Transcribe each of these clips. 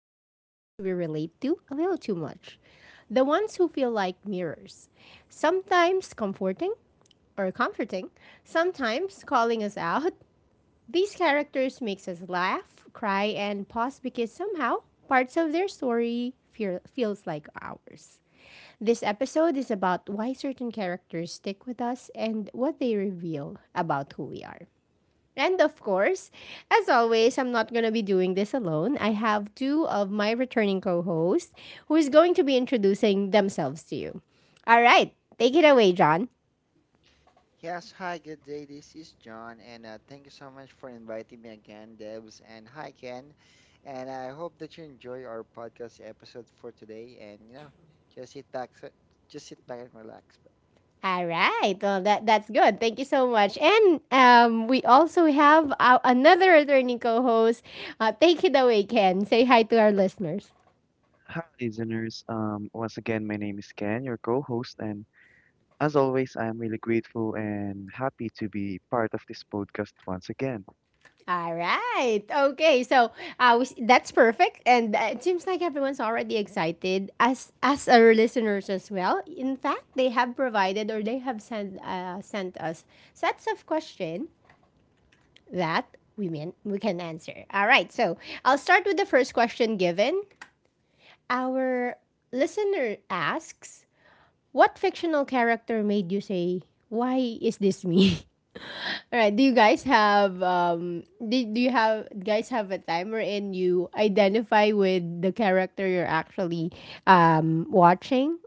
characters we relate to a little too much. The ones who feel like mirrors. Sometimes comforting or comforting, sometimes calling us out. These characters makes us laugh, cry and pause because somehow parts of their story feels like ours. This episode is about why certain characters stick with us and what they reveal about who we are. And of course, as always, I'm not going to be doing this alone. I have two of my returning co hosts who is going to be introducing themselves to you. All right, take it away, John. Yes, hi, good day. This is John, and thank you so much for inviting me again, Debs. And hi, Ken. And I hope that you enjoy our podcast episode for today. Just sit back, s- just sit back and relax. But All yes. right, well, that's good. Thank you so much. And we also have another returning co host. Take it away, Ken. Say hi to our listeners. Hi, listeners. Once again, my name is Ken, your co-host, and as always, I am really grateful and happy to be part of this podcast once again. I All right. Okay. So that's perfect, and it seems like everyone's already excited as our listeners as well. In fact, they have provided or they have sent sent us sets of question that we mean we can answer. All right. So I'll start with the first question given. Our listener asks, "What fictional character made you say, 'Why is this me?" All right. Do you guys have? Do you have guys have a time wherein you identify with the character you're actually watching?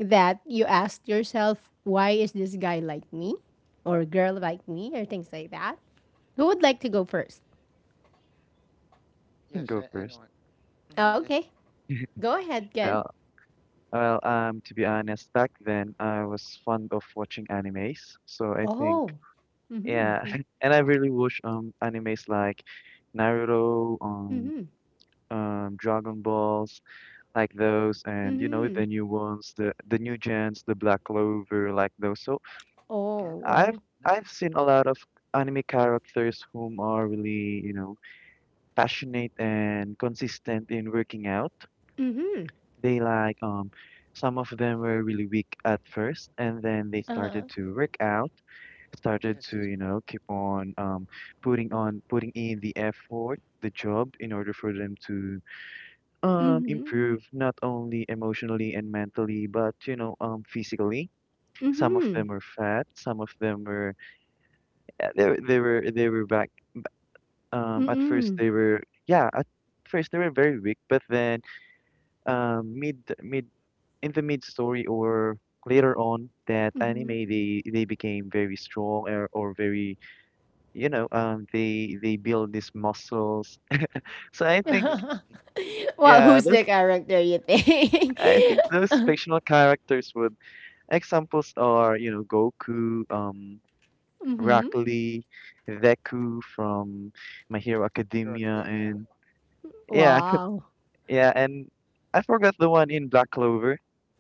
That you asked yourself, why is this guy like me, or girl Mhm. like me, or things like that. Who would like to go first? can Yes, go first. anyone. Hmm, yes. Okay, go ahead, Ken. Well, well, to be honest, back then I was fond of watching animes, so I think, Oh. yeah, Mhm. and I really watch animes like Naruto, Mhm. Dragon Balls, like those, and you know Mhm. the new ones, the new gens, the Black Clover, like those. So Oh, Oh. I've Oh. I've nice. seen a lot of anime characters whom are really, you know, passionate and consistent in working out. Mhm. They like some of them were really weak at first and then they started to work out, started Yes. to, you know, keep on putting on putting in the effort, the job in order for them to Mhm. improve not only emotionally and mentally but, you know, physically. Some of Mhm. them were fat, some of them were yeah, they were they were back at first Mhm. they were yeah at first they were very weak but then mid in the mid story or later on that anime they became very strong or very you know they build these muscles so I think Okay. Mhm. Okay. Well, yeah who's the those character you think? I think those fictional characters would examples are you know Goku Rock Mm-hmm. Mm-hmm. Lee, Deku from My Hero Hero Academia, and Academia, yeah, Wow. Yeah, and I forgot the one in Black Clover.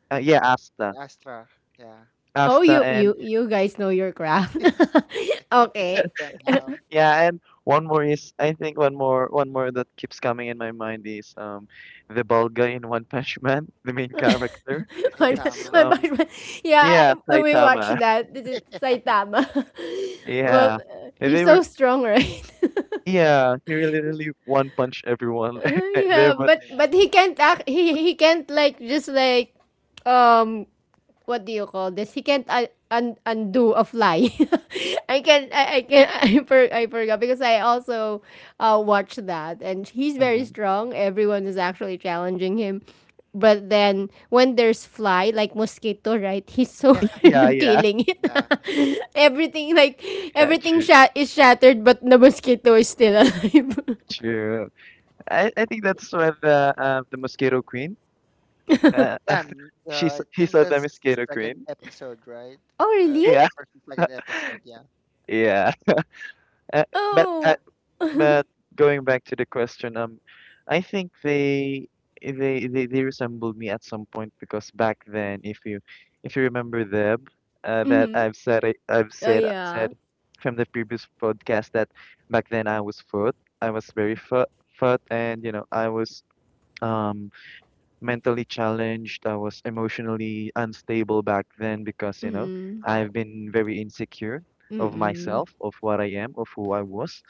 Yeah, Asta. Astra. Yeah. Oh, Asta you and you you guys know your craft. Okay. Somehow, yeah, and one more is I think one more that keeps coming in my mind is the bald guy in One Punch Man, the main character. One, It's Saitama. One Punch Man. Yeah, Yeah, when we watch Saitama. that, this is Saitama. Well, Yeah. And he's they so were strong, right? yeah, he really one punch everyone there Yeah, but but Yeah. he can't act. He can't like just like um what do you call this? He can't undo a fly. I can I forgot because I also watched that and he's very mhm, strong. Everyone is actually challenging him. But then when there's fly like mosquito, right? He's so Yeah. yeah, yeah. killing Yeah. Yeah. it. Everything like Yeah, everything true. shat is shattered, but the mosquito is still alive. True. I think that's where the Mosquito Queen Uh, Yeah, I he think saw the the mosquito second queen. episode, right? Oh Uh, really? Yeah, first and second episode, yeah. yeah. Uh, but Oh. but going back to the question, I think they resembled me at some point because back then, if you remember them, that I've said it- I've Oh said yeah. from the previous podcast that back then I was fat. I was very fat, fat, and you know I was um mentally challenged. I was emotionally unstable back then because, you know, Mm Oh, I've been very insecure mm. of Mm mm. myself, of what I am, of who I was.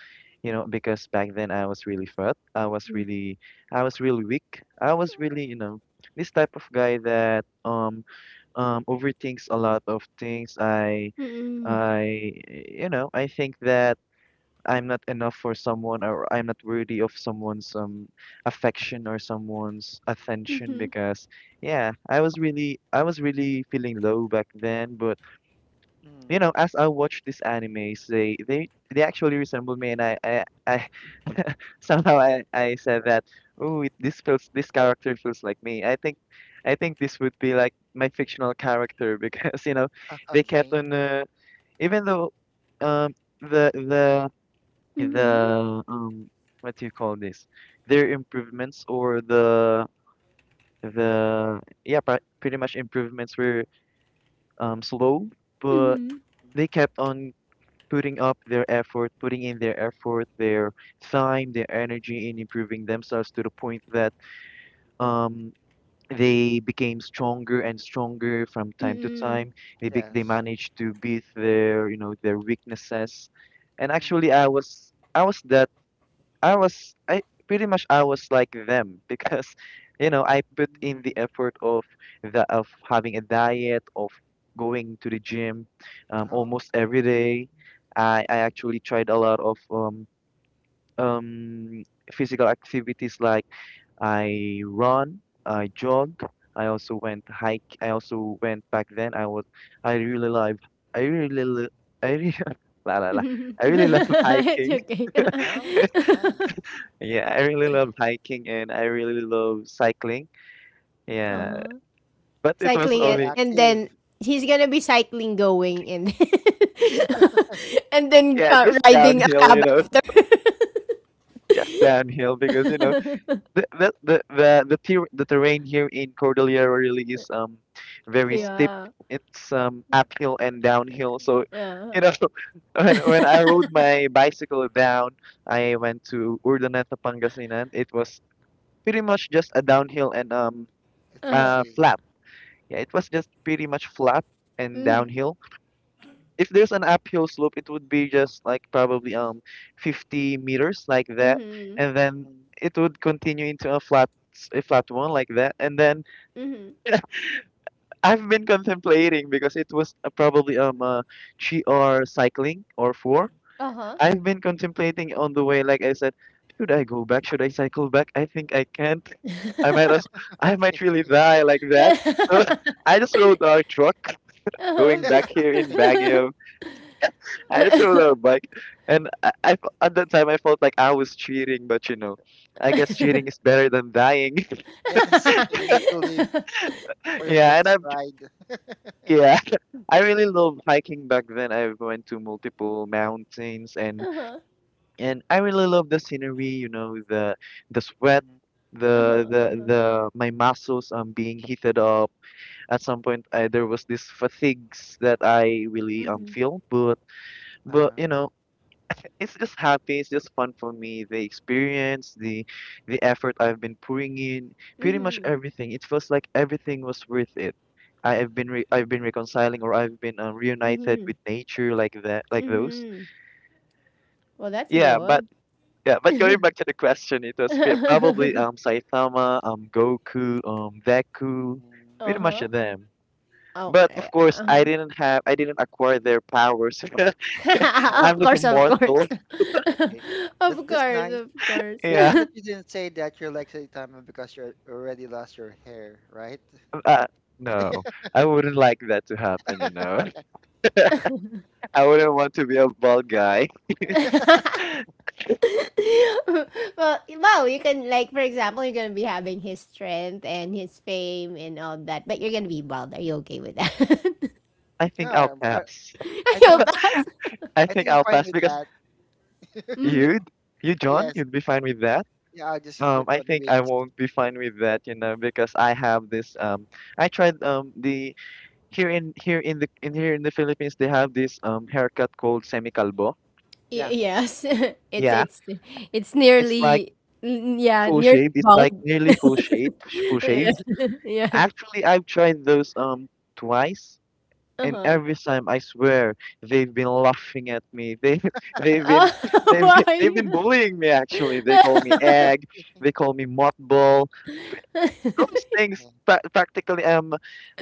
You know, because back then I was really fat. I was really weak. I was really, you know, this type of guy that overthinks a lot of things. Mm mm. Mm I You know, I think that. I'm not enough for someone or I'm not worthy of someone's affection or someone's attention because yeah, I was really feeling low back then, but mm-hmm. you know, as I watched these animes, they they actually resemble me and I somehow I said that, oh, it, this feels this character feels like me. I think this would be like my fictional character because you know, they kept Okay. on even though um the the mm. the what do you call this their improvements or the yeah pretty much improvements were slow but they kept on putting up their effort putting in their effort their time their energy in improving themselves to the point that um they became stronger and stronger from Mm time to mm. time they Yes. managed to beat their you know their weaknesses and actually Mm-hmm. I was that I pretty much I was like them because you know I put in the effort of the of having a diet of going to the gym, Oh, almost every day. I actually tried a lot of um physical activities like I run, I jog, I also went hike. I also went back then. I was I really love I really li- I really la la la I really love It's hiking. okay. oh, that's nice. Yeah, I really love hiking and I really love cycling. Oh, Yeah, but it was Cycling physically only and active. then he's gonna be cycling going and and then yeah, just riding a downhill, you cab know, after. just downhill because you know the terrain here in Cordillera really is very steep. Oh, Yeah. It's uphill and downhill, so Yeah. you know when I rode my bicycle down, I went to Urdaneta, Pangasinan. It was pretty much just a downhill and it's easy. flat. Yeah, it was just pretty much flat and downhill if there's an uphill slope, it would be just like probably 50 meters like that, Mhm. and then Mm-hmm. it would continue into a flat one like that. And then Mhm. I've been contemplating because it was probably GR cycling or four. Uh huh. I've been contemplating on the way, like I said, should I go back? Should I cycle back? I think I can't. I might as I might Okay. really die like that. So I just rode our truck Uh going huh. back here in Baguio. I just rode our bike, and at that time I felt like I was cheating, but you know, I guess cheating is better than dying. Yes, you need to leave for the Yeah, and next I'm ride. yeah, I really loved hiking back then. I went to multiple mountains, Uh-huh. and I really love the scenery. You know, the sweat. Mm-hmm. Uh-huh. Uh-huh. The My muscles being heated up at some point there was this fatigues that I really Mm-hmm. feel but Uh-huh. you know it's just happy. It's just fun for me. The experience, the effort I've been pouring in, pretty much Mm-hmm. everything. It feels like everything was worth it. Hmm. I've been reconciling Yeah. or I've been reunited Mm-hmm. with nature like that, like those. Mm-hmm. Well, that's Yeah, but good. yeah, but going back to the question, it was probably Saitama, Goku, Deku, Mm-hmm. pretty much Uh-huh. them. But Okay. of course, Uh-huh. I didn't acquire their powers. Right. Of I'm just a course, of mortal. course. Okay. That's Of that's course, nice. of course. Good Yeah. thing that you didn't say that you're like Saitama because you already lost your hair, right? Uh, no, I wouldn't like that to happen, you know. I wouldn't want to be a bald guy. Well, wow, you can like for example, you're gonna be having his strength and his fame and all that, but you're gonna be bald. Are you okay with that? I think Yeah, I'll I'm fine. pass. Are I think you I'm pass? I I think think I'm I'll fine pass with because that. Mm-hmm. you'd, you, John, Yes. you'd be fine with that. Yeah, I'll just put I on think I wigs. won't be fine with that, you know, because I have this. I tried the here in the Philippines they have this haircut called semi-calvo. Yeah, Yes, it's Yeah, it's it's it's like nearly yeah full nearly shaved. It's like bald. nearly full shaved, full Yeah. yes. shaved. Yeah. Actually, I've tried those twice Uh and huh. every time I swear they've been laughing at me. They they've been Oh, they've been why? bullying me actually. They call me egg, they call me mothball. Those things Yeah. Practically um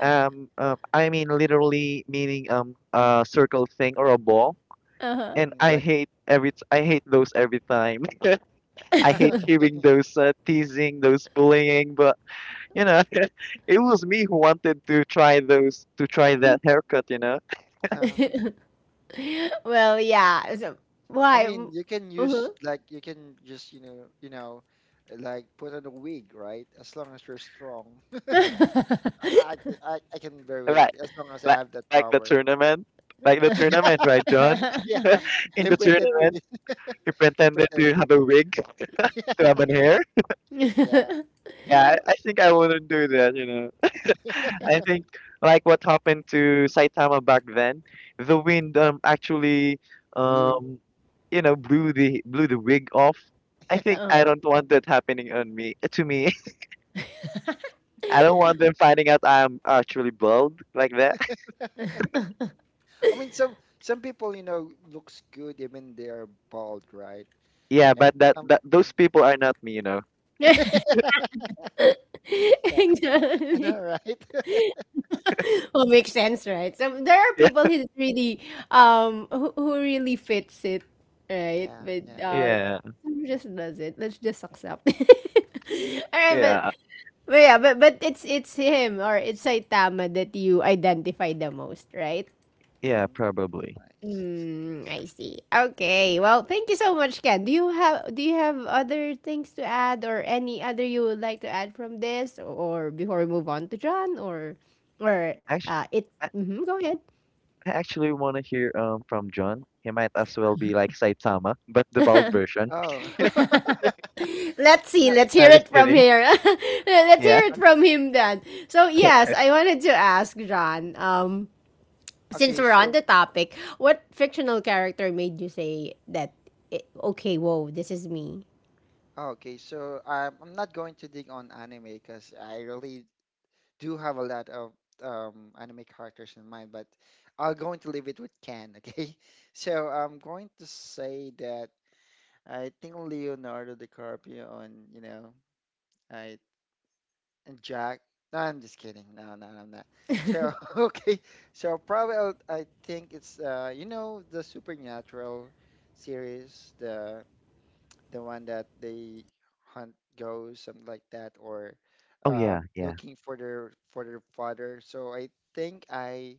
um uh, I mean literally meaning a circle thing or a ball. Uh huh. And Mm, I like hate I hate those every time. I hate hearing those teasing, those bullying, but you know, it was me who wanted to try those to try that haircut, you know. Well, yeah. So I why? mean, you can Uh-huh. use like you can just, like put on a wig, right? As long as you're strong. I can I, I can bear with Right. it as long as I Like have that like the power. tournament. Like the tournament, right, John? Yeah, In I the pretend to tournament, be. he I pretended to pretended. have a wig to have an hair. Yeah. Yeah, I think I wouldn't do that, you know. I think like what happened to Saitama back then, the wind actually Boo. um you know blew the wig off. I think Yeah. I Uh. don't want that happening on me to me. I don't want them finding out I'm actually bald like that. I mean, some people, looks good even they're bald, right? Yeah, And but that, some, that those people are not me, you know. yeah, I know, Exactly. right? Well, makes sense, right? So there are people Yeah. Who really fits it, right? Yeah, But yeah. Yeah, who just does it. Let's just accept. All right, but yeah, but it's him or it's Saitama that you identify the most, right? yeah, Mm, probably. nice, Mm, nice. I see. Okay. Well, thank you so much, Ken. Do you have other things to add or any other you would like to add from this or before we move on to John or Actually, it I hmm go ahead. I actually want to hear from John. He might as well be like Saitama, but the bald version. Oh, Let's see. no, Let's hear No, just it from kidding. here. Let's Yeah. hear it okay. from him then. So, s- yes, I wanted to ask John since Okay, we're on so the topic, what fictional character made you say that okay, whoa, this is me? oh, okay, so I'm not going to dig on anime because I really do have a lot of anime characters in mind, but I'm going to leave it with Ken, okay? So I'm going to say that. I think Leonardo DiCaprio and you know I and Jack. No, I'm just kidding. No, no, I'm not. So okay, so probably I think it's the Supernatural series, the one that they hunt ghosts, something like that, or Oh yeah, yeah. looking for their father. So I think I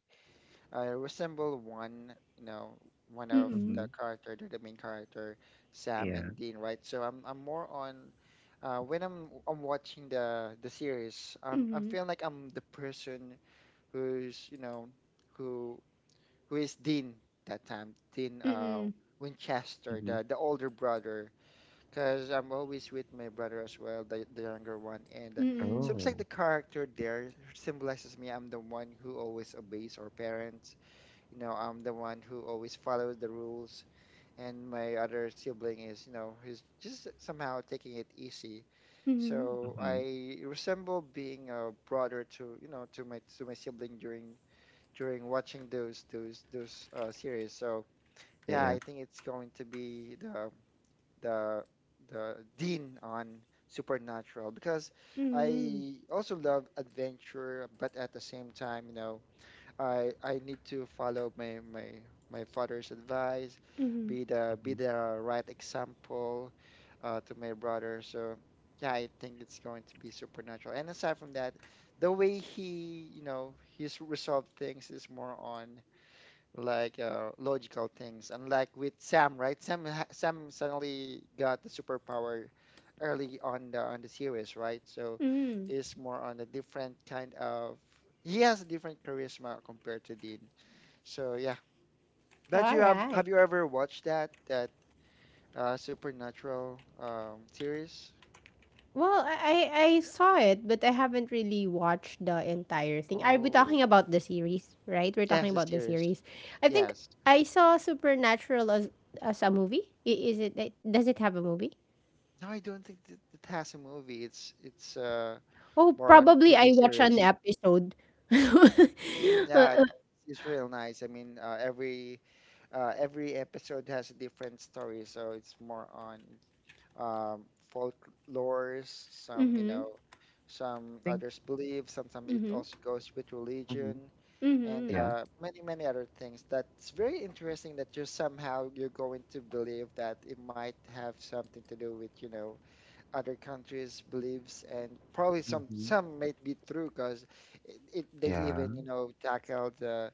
I resemble one, one of Mm-mm. Mm-hmm. the character, the main character, Sam Yeah. and Dean, right? So I'm more on when I'm watching the series, I'm feeling like I'm the person who's who who is Dean that time, Dean Mm-mm. Winchester, Mm-hmm. the older brother, because I'm always with my brother as well, the younger one, and Mm-mm. seems like Oh. the character there symbolizes me. I'm the one who always obeys our parents, I'm the one who always follows the rules, and my other sibling is, who's just somehow taking it easy. Mhm. So Mm-hmm. I resemble being a brother to, to my sibling during watching those series. So Yeah, yeah, yeah. I think it's going to be the the Dean on Supernatural because I also love adventure, but at the same time. I need to follow my father's advice, be Mm-hmm. the right example to my brother. So yeah, I think it's going to be Supernatural. And aside from that, the way he you know he's resolved things is more on like logical things. And like with Sam, right? Sam suddenly got the superpower early on the series, right? So is more on a different kind of, he has a different charisma compared to Dean. So yeah. But All you right. have you ever watched that that Supernatural series? Well, I saw it, but I haven't really watched the entire thing. Are we Oh, talking about the series, right? We're talking yes, the about the series. series. I think Yes. I saw Supernatural as a movie. Is does it have a movie? No, I don't think that it has a movie. It's Oh, more on probably TV I watched series. an episode. Mm, yeah, it's real nice. I mean, every episode has a different story, so it's more on um, folklores, some Think. others believe, sometimes it also goes with Mm-hmm. religion, and Mhm. Yeah. Many other things. That's very interesting that you somehow you're going to believe that it might have something to do with other countries' beliefs, and probably Mm-hmm. some might be true because it they Yeah. even tackle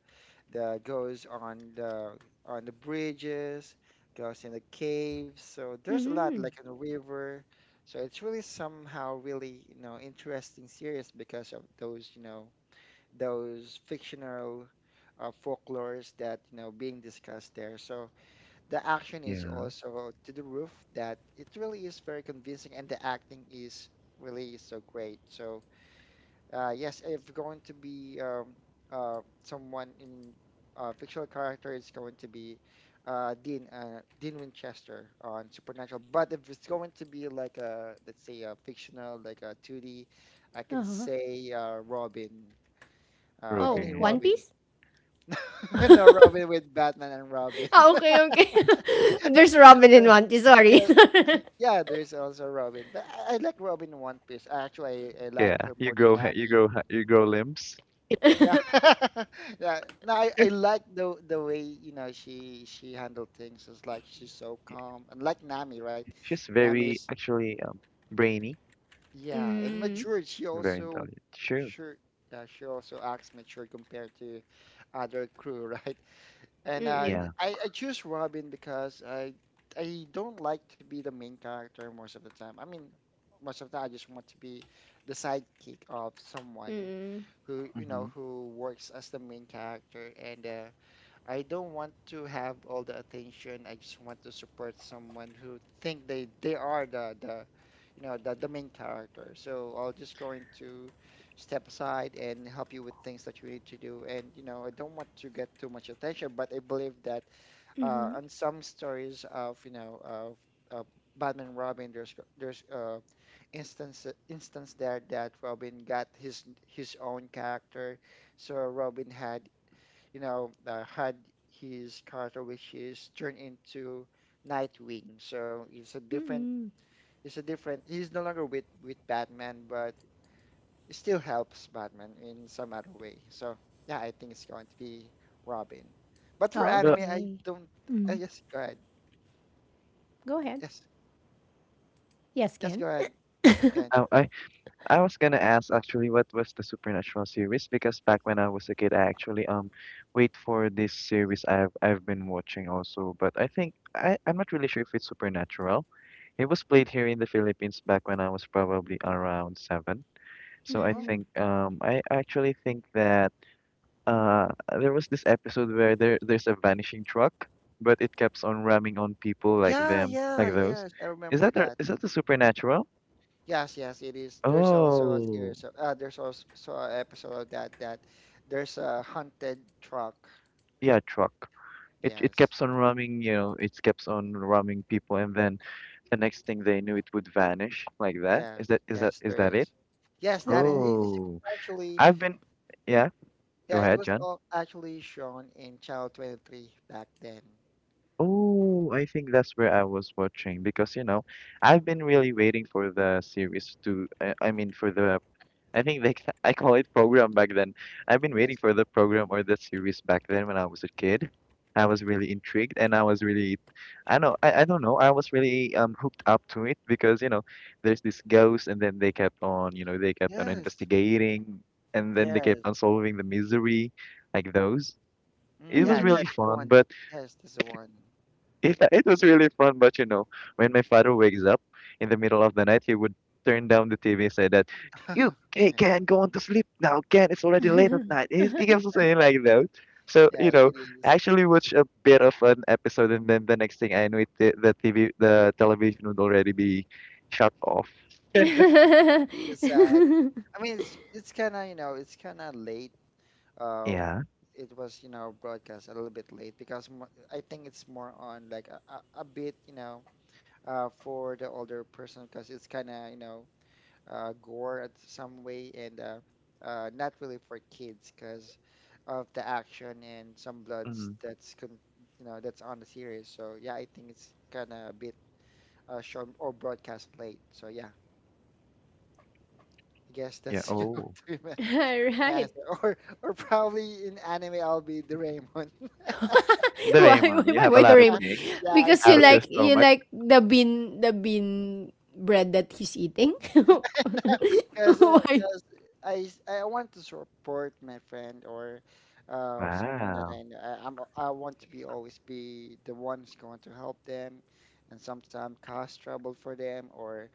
the ghosts on the bridges, ghosts in the caves. So there's a lot Mhm. like in the river. So it's really somehow really interesting series because of those fictional folklores that being discussed there. So the action is Yeah. also to the roof that it really is very convincing, and the acting is really so great. So, yes, if going to be someone in a fictional character, it's going to be Dean Winchester on Supernatural. But if it's going to be like a let's say a fictional like a 2D, I can Uh-huh. say Robin, Oh, any One Robin. Robin. Piece? No Robin with Batman and Robin. Ah, okay, okay. There's Robin in One Piece, sorry. Yeah, there's also Robin, but I like Robin in One Piece. Actually, I Yeah. like her You more than grow ha you Nami. grow ha you grow limbs. Yeah, yeah. No, I like the way she handled things. It's like she's so calm, and like Nami, right? She's Nami very is, actually brainy, yeah, and Mm. matured. She very also intelligent. True. sure yeah she also acts mature compared to other crew, right? And Mm-mm. Yeah. I choose Robin because I don't like to be the main character most of the time. I mean, most of the time I just want to be the sidekick of someone Mm-mm. who Mm-hmm. Who works as the main character and I don't want to have all the attention. I just want to support someone who think they are the you know the main character. So I'll just going to step aside and help you with things that you need to do. And I don't want to get too much attention, but I believe that on some stories of of uh, Batman Robin, there's instance instance there that Robin got his own character. So Robin had had his character, which is turned into Nightwing. So it's a different, He's no longer with Batman, but it still helps Batman in some other way. So yeah, I think it's going to be Robin. But for But anime, I Okay. don't. Yes, go ahead. Go ahead. Yes, Yes, yes, Ken. go ahead. Ken. I I I was gonna ask actually what was the Supernatural series because back when I was a kid, I actually wait for this series I've been watching also, but I think I'm not really sure if it's Supernatural. It was played here in the Philippines back when I was probably around seven. So I Oh, think I actually think that uh there was this episode where there's a vanishing truck, but it keeps on ramming on people like yeah, them yeah, like those. yes. I remember that. Is that the Supernatural? Yes, yes, it is. There's also a Oh series of there's also an episode of that there's a haunted truck. yeah, truck. It Yes, keeps on roaming, you know, it keeps on roaming people, and then the next thing they knew, it would vanish like that. yes, yes, Is there that is. it? Yes, that is. Wow. It's Oh, actually. I've been, yeah. Go Yeah, it ahead, was John. all actually shown in Channel 23 back then. Oh, I think that's where I was watching because I've been really waiting for the series to. For the I think they ca- I call it program back then. I've been waiting Yes. for the program or the series back then when I was a kid. I was really Mm. intrigued and I was really I don't know, I was really hooked up to it because, there's this ghost and then they kept on, they kept on Yes, investigating and then they kept yes. on solving the misery like those. Mm, It was yeah, Mm-hmm. really that's the fun, one. but Yes, that's the one. yeah, it was really fun, but when my father wakes up in the middle of the night, he would turn down the TV and say that, "You, hey, Yeah. Ken, go on to sleep now, Ken. It's already late at night." He keeps saying like that. So Yes, it I is. actually watched a bit of an episode, and then the next thing I knew, the TV, the television would already be shut off. Mm, it's sad. I mean, it's kind of late, uh, Yeah. it was broadcast a little bit late because I think it's more on like a bit, for the older person because it's kind of gore at some way and not really for kids because of the action and some bloods Mm, that's on the series. So yeah, I think it's kind of a bit shown or broadcast late. So yeah. I guess yeah. that's going Oh, to be my All right. answer, or probably in anime I'll be Doraemon. Why, Doraemon, why, you why, have a why lot of Yeah, Doraemon? things yeah, I Because out of still your you stomach. like the bean bread that he's eating. Why? because I s- I want to support my friend or someone that Wow. I know. I want to be always be the one who's going to help them, and sometimes cause trouble for them or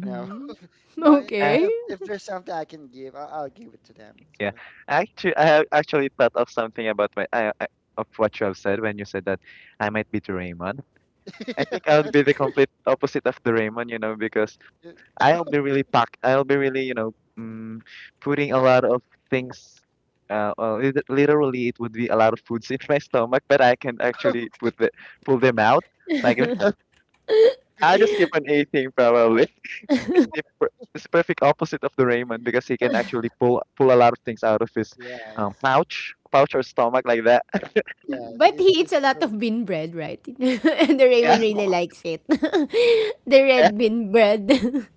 you know you Okay. If there's something I can give, I'll give it to them. Yeah, So actually, I have actually thought of something about of what you have said when you said that I might be Doraemon. I think I would be the complete opposite of Doraemon, you know, because I'll be really packed. I'll be really, putting a lot of things. Well, literally, it would be a lot of foods in my stomach, but I can actually put the pull them out like. I just skip on a thing probably. It's, it's the per- it's the perfect opposite of the Raymond because he can actually pull a lot of things out of his yes, pouch or stomach like that. yes, But he it's eats it's a lot of really- bean bread, right? And the Yeah, Raymond yeah, really likes it. The yeah. red bean bread.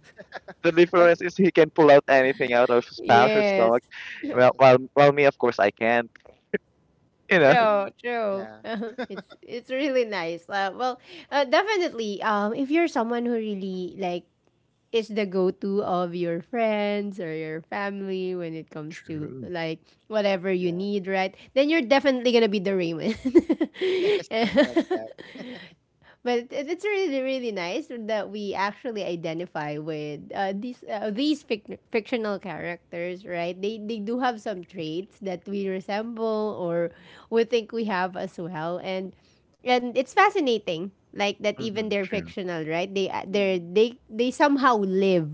The and difference is he can pull out anything out of his pouch or Yes. stomach. Well, yes, while me, of course, I can't. You know. True, mm, true. yeah, It's really nice. Definitely. If you're someone who really like is the go-to of your friends or your family when it comes to True. like whatever you yeah, need, right? Then you're definitely gonna be the Raymond. something like that. But it's really really nice that we actually identify with these fictional characters right they do have some traits that we resemble or we think we have as well and it's fascinating like that even Mm-hmm, they're true. fictional right they somehow live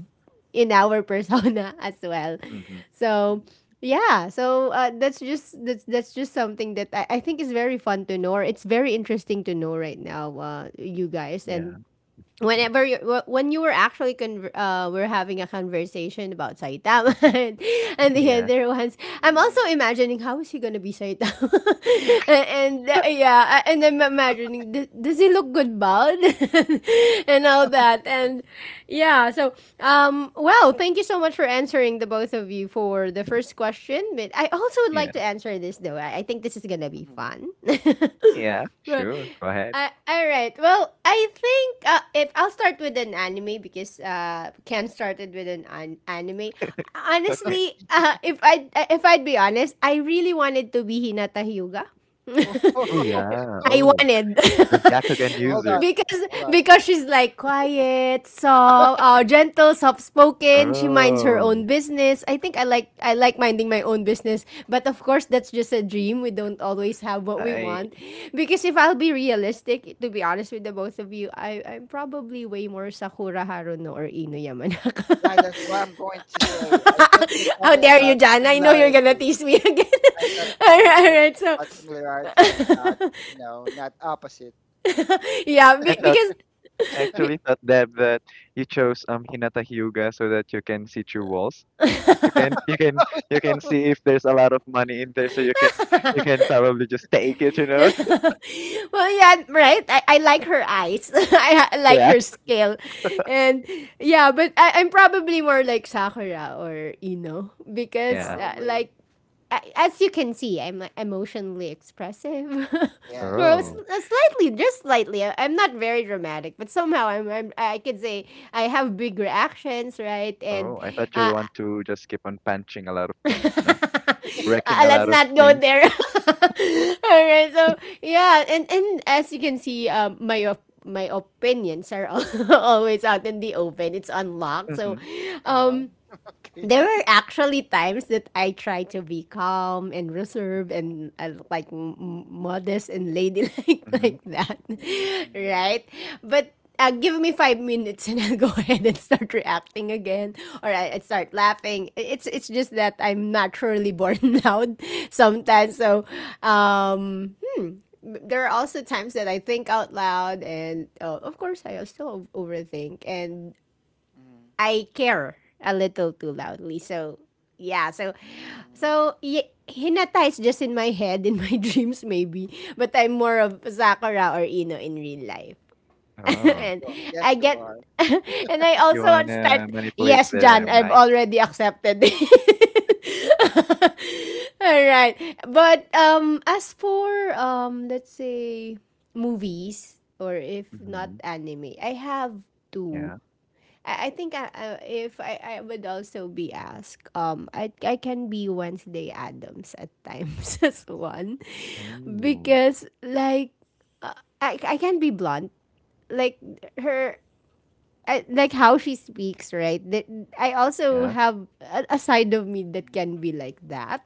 in our persona as well. Mm-hmm, So Mm, yeah, so that's just that's just something that I think is very fun to know. Or it's very interesting to know right now, you guys, yeah. and whenever you when you were actually we're having a conversation about Saitama Mm-hmm, and the yeah. other ones, I'm also mm, imagining how is he gonna be Saitama, and, yeah, and I'm imagining does he look good bald, and all that, and yeah, so well, thank you so much for answering the both of you for the first question, but I also would Yeah. like to answer this though. I think this is gonna be mhm. fun. Yeah. Sure. Go ahead. All right. Well, I think if I'll start with an anime because Ken started with anime. Okay. Honestly, if I if I'd be honest, I really wanted to be Hinata Hyuga. Oh yeah. I Oh, wanted the Byakugan Hold user. on, because hold on. She's like, "Why quiet, soft, gentle, soft-spoken. She minds her Oh. own business. I think I like minding my own business, but of course that's just a dream. We don't always have what we I want, because if I'll be realistic, to be honest with the both of you, I'm probably way more Sakura Haruno or Ino Yamanaka. Yeah, that's what I'm going to say. I thought we're How talking dare you, about Jan? I know you're gonna similarity. tease me again. I thought All we're right, all going to right. talk So about similarity and not, not opposite, yeah, I be- thought. because. be- Actually thought that you chose Hinata Hyuga so that you can see through walls. You can you can you can see if there's a lot of money in there, so you can probably just take it, you know? well, yeah, right. I like her eyes. I like Yeah. her scale, and yeah, but I'm probably more like Sakura or Ino because Yeah. Probably. As you can see, I'm like, emotionally expressive. Yes, Well, Oh. yes. Slightly, just slightly. I'm not very dramatic, but somehow I'm I could say I have big reactions, right? And Oh, I thought Mm, uh, you want to just keep on punching a lot of things, you know, wrecking a let's lot of not go things. there. All right. So yeah, and as you can see, my my opinions are always out in the open. It's unlocked. So, Mm-hmm. uh-huh. um, there Okay. were actually times that I try to be calm and reserved and like modest and ladylike Mm-hmm. like that, Mm, mm. right? But give me 5 minutes and I'll go ahead and start reacting again, or I start laughing. It's just that I'm naturally born loud Mhm. sometimes. So um, there are also times that I think out loud, and of course I still overthink and Mm, I care a little too loudly. So yeah, so mm. Hinata is just in my head, in my dreams maybe, but I'm more of Sakura or Ino in real life. Yes, Oh. And you are. I Yes, you get are. and I You also start wanna manipulate yes, their John, I've mind? already accepted. It. All right. But as for let's say movies or if not Mm-hmm. anime, I have two Yeah. I think I, if I would also be asked, I can be Wednesday Adams at times as one Oh. because like uh, I can be blunt like her like how she speaks right that I also Yeah. have a side of me that Mm, can be like that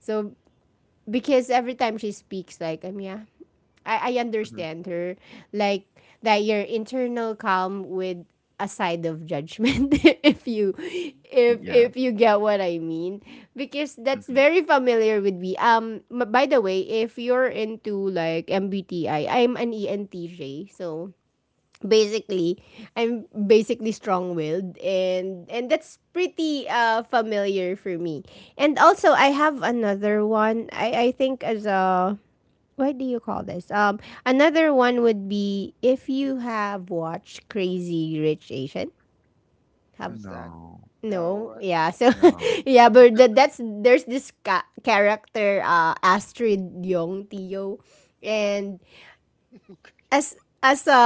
so because every time she speaks, like, yeah, I Mm-hmm. understand her. Like, that your internal calm with a side of judgment if you mhm. if Yeah. if you get what I mean. Because that's Mm-hmm. very familiar with me. By the way, if you're into like MBTI, I'm an ENTJ. So basically I'm basically strong-willed, and that's pretty familiar for me. And also I have another one. I think as a, what do you call this? Another one would be if you have watched Crazy Rich Asian. Have, How's that? No. no. No. Yeah, so No. yeah, but that, that's there's this character, Astrid Yong Tio. And as as a,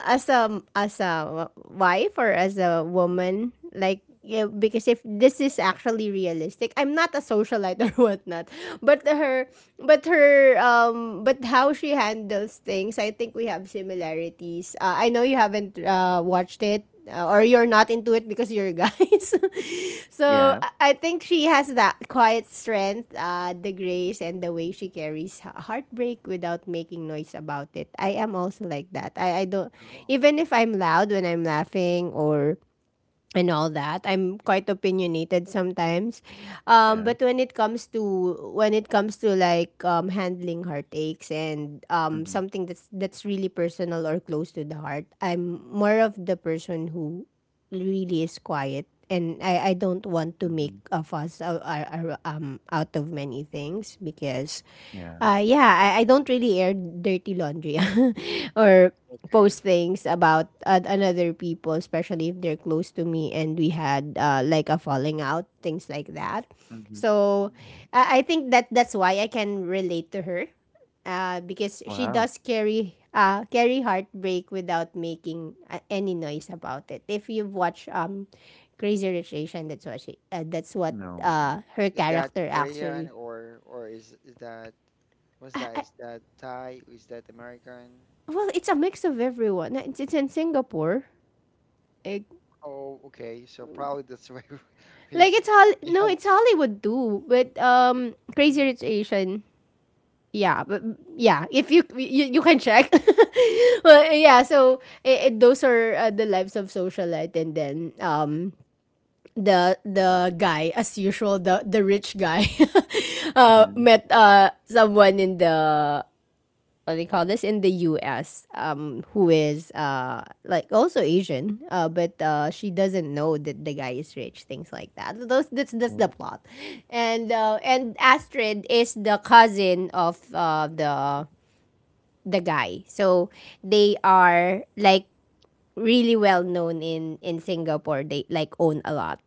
as a, as a wife or as a woman, like, yeah, because if this is actually realistic, I'm not a socialite or whatnot. But her, but her, but how she handles things, I think we have similarities. I know you haven't watched it, or you're not into it because you're guys. So Yeah. mm. I think she has that quiet strength, the grace, and the way she carries heartbreak without making noise about it. I am also like that. I don't, Oh. even if I'm loud when I'm laughing or and all that. I'm quite opinionated sometimes. Yeah. But when it comes to, when it comes to like, handling heartaches and Mm-hmm. something that's really personal or close to the heart, I'm more of the person who really is quiet, and I don't want to make Mhm. a fuss out of many things. Because Yeah. Yeah, I don't Mm. really air dirty laundry or Okay. post things about another people, especially if they're close to me and we had like a falling out, things like that. Mhm. So Mm-hmm. I think that's why I can relate to her, because she Wow. does carry carry heartbreak without making any noise about it. If you've watched Crazy Rich Asian, that's what she that's what No. Her Is that character Korean actually. Or is that, what's that? Is that Thai? Is that American? Well, it's a mix of everyone. It's in Singapore. Eh, Oh, okay. So probably that's why we like it's we no, it's haven't. Hollywood too. But Crazy Mm, Rich Asian. Yeah, but yeah, if you can check. But mm, yeah, so those are the lives of socialite, and then the guy as usual, the rich guy mhm, Mhm. met someone in the, what do they call this in the US, who is like also Asian, but she doesn't know that the guy is rich, things like that. Those, that's the Mhm. mhm, plot. And and Astrid is the cousin of the guy. So they are like really well known in Singapore. They like own a lot.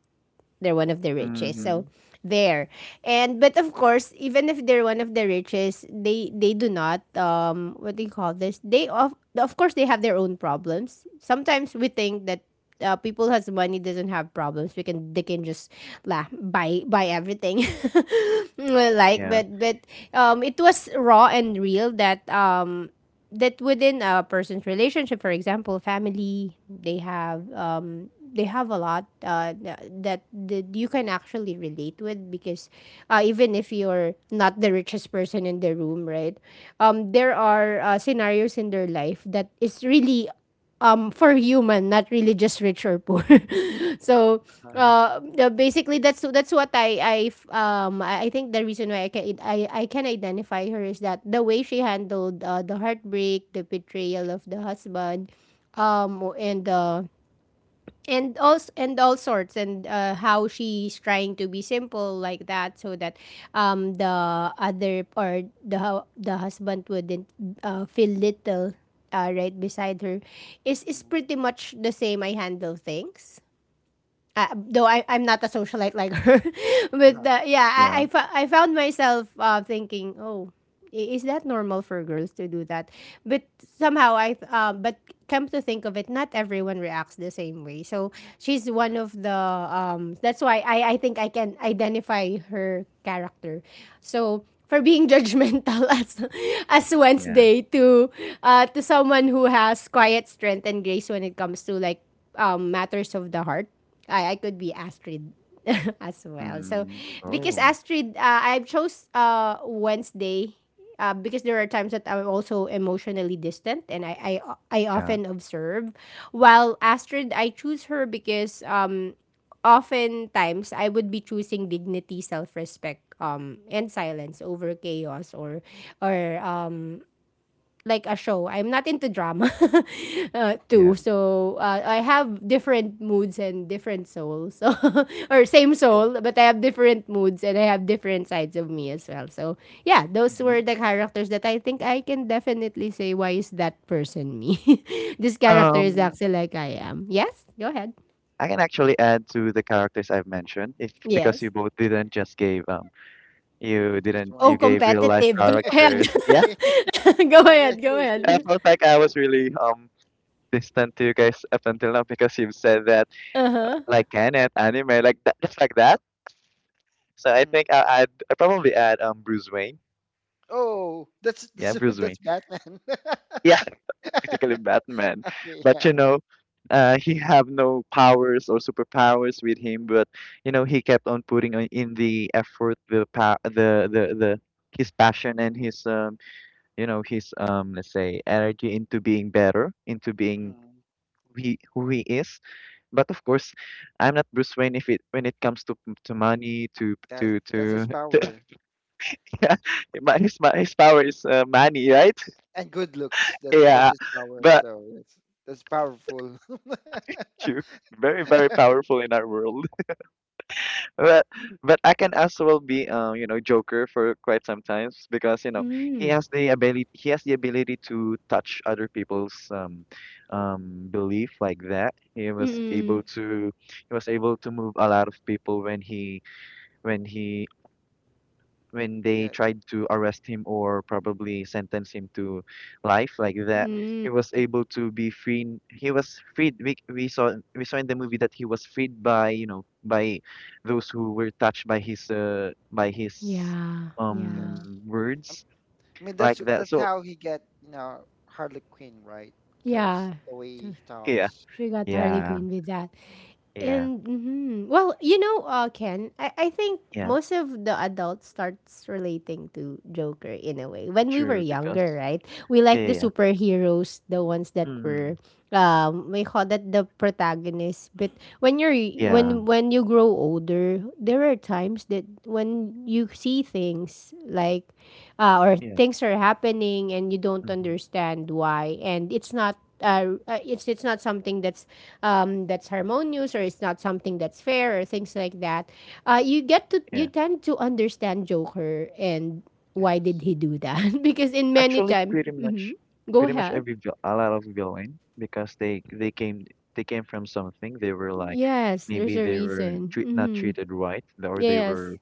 They're one of the richest. okay. So Mhm. there. And but of course, even if they're one of the richest, they do not, what do you call this? They, of course they have their own problems. Sometimes we think that people has money doesn't have problems. We can, they can just la, buy everything Mhm, like, Yeah. But it was raw and real, that that within a person's relationship, for example, family, they have, they have a lot that that you can mhm, actually relate with. Because even if you're not the richest person in the room, right? There are scenarios in their life that is really, for human, not really just rich or poor. So uh-huh, Mhm. Basically that's what I f- I think the reason why I can identify her is that the way she handled the heartbreak, the betrayal of the husband, and the, and all sorts, and how she's trying to be simple like that so that the other, or the the husband wouldn't feel little right beside her, is mhm, pretty much the same I handle things. Though I'm not a socialite like her, but uh-huh, yeah, I, Yeah. I, fo- I found myself thinking, oh, is that normal for girls to do that? But somehow but come to think of it, not everyone reacts the same way. So she's yeah. one of the, that's why I think I can identify her character. So for being judgmental as Mhm, Yeah. Wednesday to, to someone who has quiet strength and grace when it comes to like, matters of the heart, I could be Astrid as well. So mhm, Mm. mhm, because okay. Oh. Astrid, I chose Wednesday because there are times that I'm also emotionally distant, and I Yeah. often observe. While Astrid, I choose her because oftentimes I would be choosing dignity, self respect, and silence over chaos or or uh, like a show. I'm not into drama too. Yeah. Mhm, So I have different moods and different souls, or same okay. soul, but I have different moods and I have different sides of me as well. So yeah, those were Mhm. the characters that I think I can definitely say, why is that person me? This Mhm. character is Um, actually like I am. Yes, go ahead. I can actually add to the characters I've mentioned if because you Yes. both didn't just gave you Just didn't one. Oh, you gave real life competitive. Go Yeah. ahead. characters. Yeah. Yeah. Go Yeah. ahead. Go Sure. I Sure. ahead. felt like I was really distant to you guys up until now because you've said that Uh huh. like Kenneth anime like that, just like that. So I Mhm. think I'll add I probably add Bruce Wayne. Oh, Yeah, that's Bruce that's Wayne. Batman. Yeah, basically Batman. Okay, But yeah. you know, he have no powers or superpowers with him. But you know, he kept on putting in the effort, the pa- the his passion and his you know, his let's say energy into being better, into being Mm-hmm. who he is. But of course, I'm not Bruce Wayne if it when it comes to money, That's that's his to power. Yeah, his power is money, right? And good looks. That's Yeah, his power. but So that's powerful. true. Very, very powerful in our world. But but I can as well be you know, Joker for quite some times because, you know, Mhm. he Mm. has the ability he has the ability to touch other people's belief like that. Yes. Mm. He was able to move a lot of people when he when they Yeah. tried to arrest him or probably sentence him to life like that. Yes. Mm. He was able to be he was freed. We saw in the movie that he was freed by by those who were touched by his Yeah, Yes. yeah, words I mean like that's that. that's So how he get Harley Quinn, right? Because yeah. the way So he yeah, talks. she got Harley Yeah. yeah, Quinn with that. yeah, And mhm. Well, you know, Ken, I think yeah, most of the adults starts relating to Joker in a way. When we were true younger, because right? We yeah, like yeah, the yeah, superheroes, the Mhm. ones that mm, were, we call that the protagonists. But when you're yeah, when you grow older, there are times that when you see things like, or yeah, things are happening and you don't mhm, understand why, and it's not something that's, that's harmonious, or it's not something that's fair, or things like that. You get to, you yeah. tend to understand Joker, and why did Yes. he do that? Because in many Actually, time, pretty much, mhm. Go pretty much ahead. every a lot of villain because they came from something. They were like Yes, there's maybe a they Yes. were reason. Not Hmm. treated right, or Yes.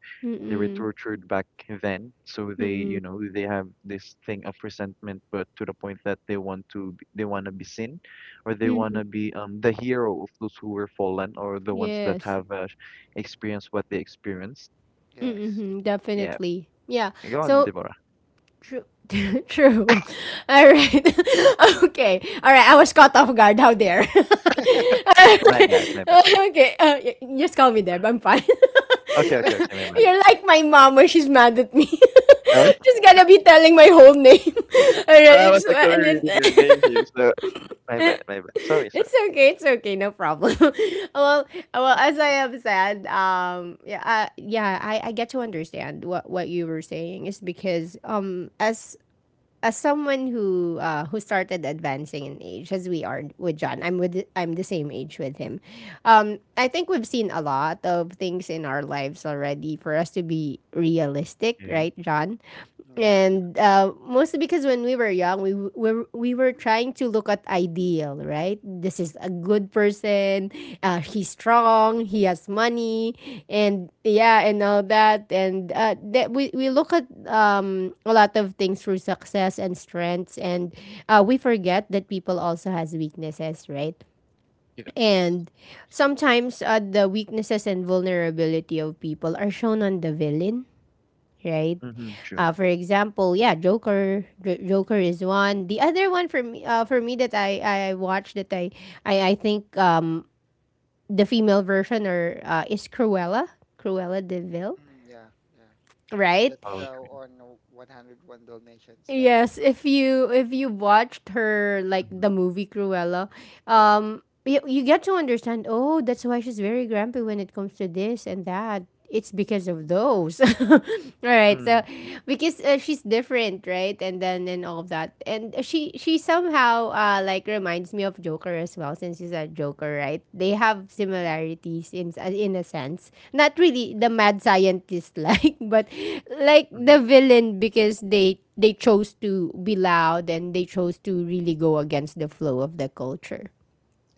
they were Hmm. Mm-mm. tortured back then. So they Mm-mm. you know they have this thing of resentment, but to the point that they want to be seen, or they Mm want hmm. to be the hero of those who were fallen or the ones that Yes. have experienced what they experienced. Yes. Mm-hmm. Yeah, Definitely. Yeah. go on, So Deborah. true. True. All right. Okay. All right. I was caught off guard. How dare? Okay. My bad, my bad. Just call me Deb. I'm fine. Okay, okay, okay, my Okay. You're like my mom when she's mad at me. bad. She's gonna be telling my whole name. All So I right. was actually reading your name here, so my bad, my bad. Sorry, sorry. it's okay. It's okay. No problem. well, well, as I have said, yeah, yeah, I get to understand what you were saying is because, as someone who started advancing in age as we are with John, I'm the same age with him. I think we've seen a lot of things in our lives already for us to be realistic, Yeah. right, John? Okay. Yeah. Yeah. And mostly because when we were young, we were trying, starting to look at ideal, right? This is a good person. He's strong. He has Mhm. money, and yeah, and all that. And that we look at, a lot of things through success and strengths, and we forget that people also has weaknesses, right? You Yes. And Of course. sometimes the weaknesses and vulnerability of people are shown on the villain, right? know, hmm, true. Yeah. For example, yeah, Joker is one. The other one for me that I watched, that I think the female version, or is Cruella, Cruella De Vil, Mm, yeah. Yeah. right? That's Harley how Quinn. on 101 Dalmatians. That's Yes, if you, if you watched her, like Mm-hmm. the movie Cruella, yes. You, you get to understand. Oh, that's why she's very grumpy when it comes to this and that. It's because of those. All right, Mm, so because she's different, right? And then and all of that, and she somehow like reminds me of Joker as well, since you said Joker, right? They have Mhm. similarities in, in a sense. Not really the Yes. mad scientist like, but like mhm, the villain, because they chose to be loud and they chose to really go against the flow of the culture.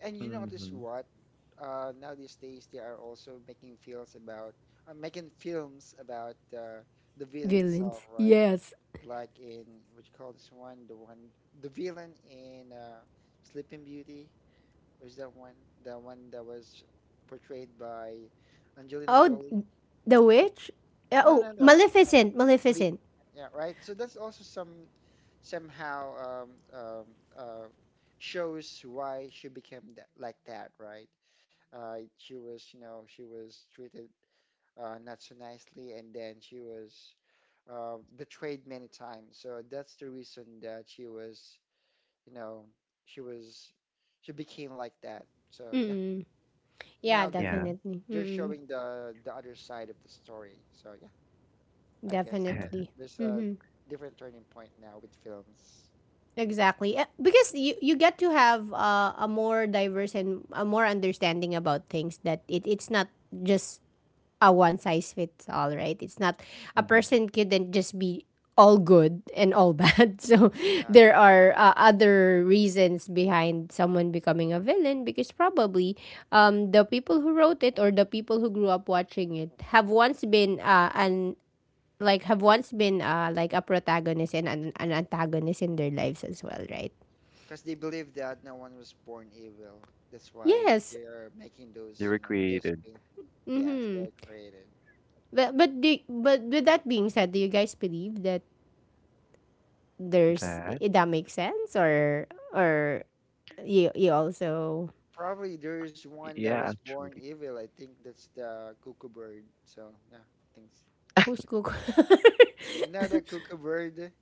And you notice mhm. what? Now these days they are also making films about uh, making films about uh, the villain itself, Villains, right? yes. Like in what you call this one, the villain in Sleeping Beauty was that one, the one that was portrayed by Angelina Oh, Jolie. the witch. No, Oh, no, no, no, Maleficent, not even- Maleficent. yeah, right. So that's also somehow, um, um, uh, shows why she became that, like that, right? She was treated, not so nicely, and then she was betrayed many times. So that's the reason that she was, you know, she was, she became like that. So yeah, Mm. Yeah, now they're Yeah. definitely. they're Mm-mm. showing the other side of the story. So yeah, I guess Definitely. there's a different turning point now with films. Exactly. Eh, because you get to have a more diverse and a more understanding about things. That it's not just a one size fits all, right? It's not, a Hmm. person couldn't just be all good and all bad. So Yeah. there are other reasons behind someone becoming a villain, because probably the people who wrote it, or the people who grew up watching it, have once been an like have once been like a protagonist and an antagonist in their lives as well, right? Because they believe that no one was born evil. That's why Yes. they're making They those recreated films. Yes, Mm-hmm. they're created. But do, but with that being said, do you guys believe that there's that. That makes sense, or you also, Probably there's Y- one that Yeah, was born actually. evil. I think that's the cuckoo bird. So yeah, thanks. who's cook? You know the cuckoo bird.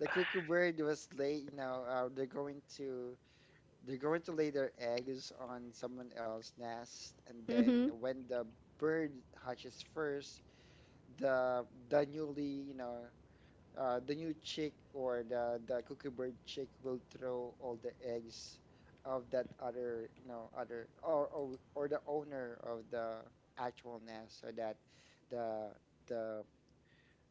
The cuckoo bird was lay. You know, they're going to lay their eggs on someone else's nest, and then Mm-hmm. when the bird hatches first, the the newly you know the new chick or the cuckoo bird chick will throw all the eggs of that other you know other or the owner of the actual nest, so that the the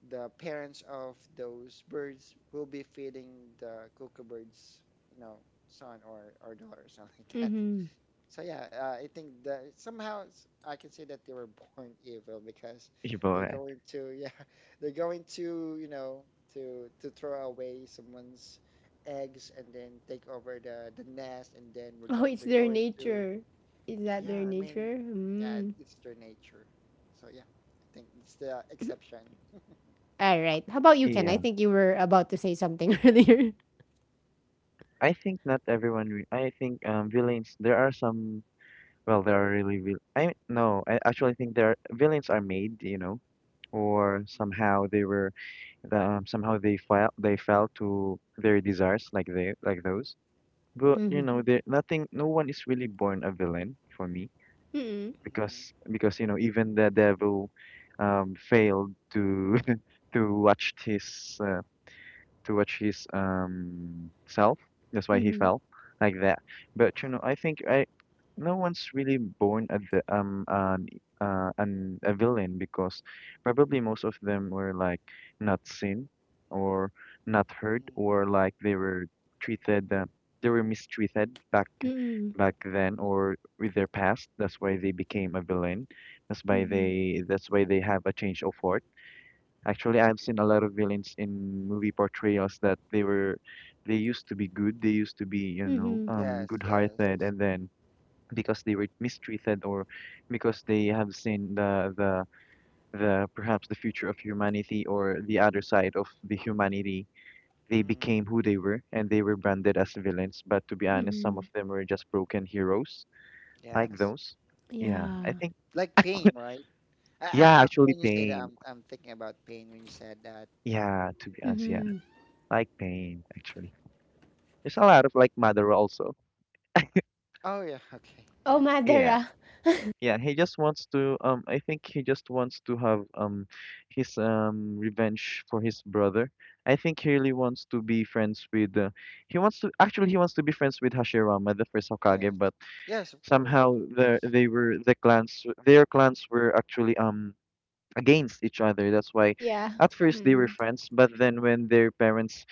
the parents of those birds will be feeding the cuckoo bird's you know son or daughter or something like that. Mm-hmm. So yeah, I think that somehow, I can say that they were born evil, because You they're boy. going to yeah they're going to to throw away someone's eggs and then take over the nest, and then we're Oh, go it's they're their going to nature. Is that yeah. their I mean, nature? yeah, Mm. it's their nature. So yeah, I think it's the exception. All right. How about you, Ken? I Yeah. think you were about to say something earlier. I think not everyone. Re I think villains. There are some. Well, there are really vil. I mean, no. I actually think there are, villains are made. You know, or Mm-hmm. somehow they were. Somehow they fell. They fell to their desires, like they like those. But you Mm-hmm. know, there nothing, no one is really born a villain for me Mm-hmm. because you know, even the devil failed to to watch his uh, towards his self. That's why he Mm-hmm. fell like that. But you Uh, know, I think I no one's really born at the an a villain because probably most of them were like not seen or not heard mm. or like they were treated they were mistreated Mm-hmm. back then or with their past. That's why they became a villain. That's why they have a change of heart. Actually, I've seen a lot of villains in movie portrayals that they were, they used to be good, they used to be, you know, Mm-hmm. Yes, yes. good-hearted, and then because they were mistreated or because they have seen the perhaps the future of humanity or the other side of the humanity, they Mm. became who they were and they were branded as villains. But to be honest, some of Mhm. them were just broken heroes like Yes. those. Yeah, I Mm. Yeah. think Like pain, right? Yeah, actually, When you say that, Pain. I'm thinking about pain when you said that. Yeah, to be honest, yeah, Mhm. like Pain actually. There's a lot of like Madara also. Oh, yeah. Okay. Oh, Yeah. Yeah, Madara. yeah. He just wants to. I think he just wants to have his revenge for his brother. I think he really wants to be friends with. He wants to be friends with Hashirama, the first Hokage, Yes. but Yes, of course. somehow they were the clans. Their clans were actually against each other. That's why Yeah. at first they were Mhm. friends, but then when their parents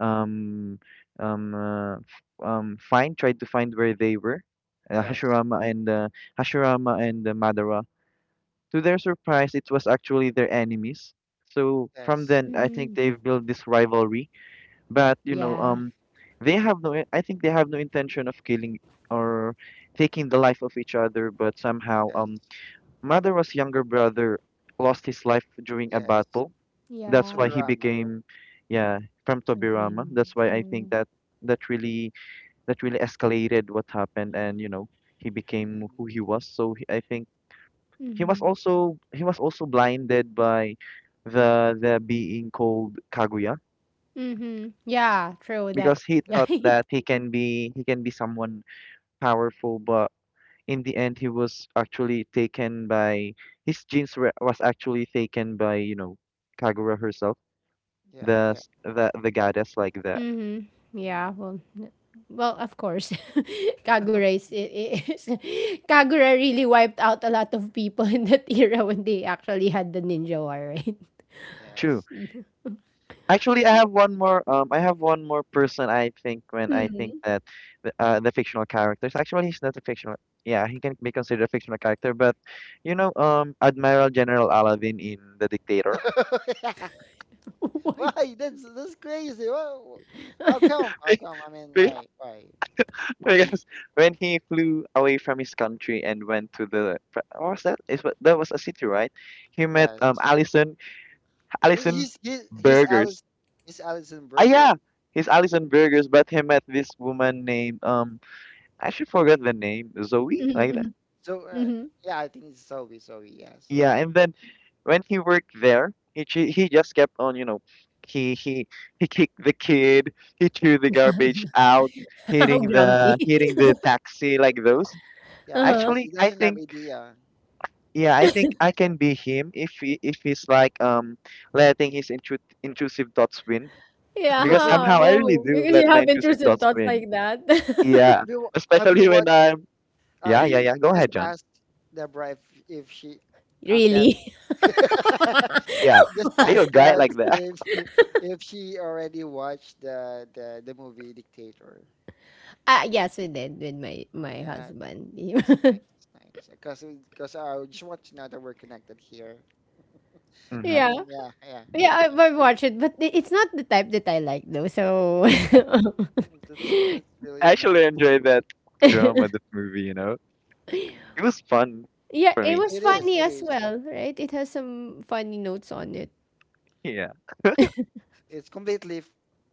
um f- find tried to find where they were, uh, Yes. Hashirama and uh, Hashirama and Madara, to their surprise, it was actually their enemies. So from Yes. then, I think Mhm. they've built this rivalry. But you know, Yeah. They have no. I think they have no intention of killing or taking the life of each other. But somehow, Yes. Maduro's younger brother lost his life during a Yes. battle. That's To be why Yeah. he Rama. became, yeah, from Tobirama. Lovely. That's why I think True. that that really that really escalated what happened, and you know he became who Mm-hmm. he was. So he, I think Mhm. He was also blinded by the being called Kaguya Mhm. Hmm. Yeah. True. because That. he Yeah. thought Yeah. that he can be someone powerful, but in the end he was actually taken by was actually taken by you know Kagura herself, Yeah. the Yeah. s- the goddess like that. Mhm. Yeah. Hmm. Well. n- Well, of course, Kagura is, I- is Kagura really wiped out a lot of people in that era when they actually had the ninja war, right? True. Yes. Actually I have one more I have one more person I think when I think Mm. that the fictional characters actually he's not a fictional, yeah he can be considered a fictional character but you know Admiral General Aladdin in The Dictator. Yeah. Why? Why? That's crazy. How come? How come? I mean, right, right. Because when he flew away from his country and went to the what was that? Is what that was a city, right? He met Yes. He- Allison He's he's he's Burgers. Alice. He's Alison Ah Burger. yeah, he's Allison Burgers, but he met this woman named um, I actually forgot the name, Zoe like that. Mm-hmm. So yeah, I think it's Sophie. Sophie. Yes. Yeah, and then when he worked there, he just kept on, you know, he he he kicked the kid, he threw the garbage Yeah. out, How grumpy. hitting the taxi like those. Uh Yeah, huh. because he Actually, I doesn't have think idea. Yeah, I think I can be him if he if he's like letting his intrusive thoughts win Yeah, because huh? somehow I Okay. really Oh, do because let you my have intrusive intrusive thoughts thoughts win. like that. Yeah, Have you especially when watched? I'm Uh, yeah, yeah, yeah. Go just ahead, John. ask Deborah if if she, Deb. Really? Yeah, Just are you ask a guy Deb like that? if she already watched the movie Dictator. Ah, yes, we did with my Oh my yeah, husband. it's nice. It's nice. Because I just want to know that we're connected here. I Hmm. Yeah, mean, yeah, yeah. Yeah. I've watched it, but it's not the type that I like though. So, Mm, that's really I nice. actually enjoyed Movie. that drama, this movie. You know, Mm. it was fun yeah, for it me. It was is. It funny as is. well, right? It has some funny notes on it. Yeah, It's completely, f-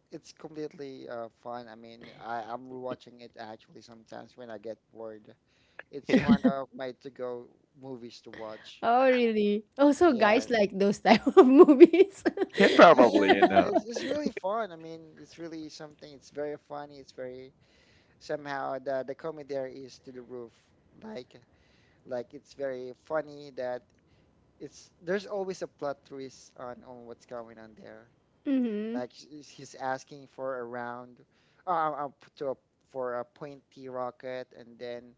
it's completely fun. I mean, I'm rewatching it actually sometimes when I get bored. It's yeah, one of my to-go movies to watch. Oh, really? Also, guys Yes. like those type of movies. yeah. Yeah, yeah, Probably, you yeah. know. It's really fun. I mean, it's really something. It's very funny. It's very somehow the comedy there is to the roof. Like like it's very funny that it's there's always a plot twist on what's going on there. Like sh- he's asking for a round, p- to a, for a pointy rocket, and then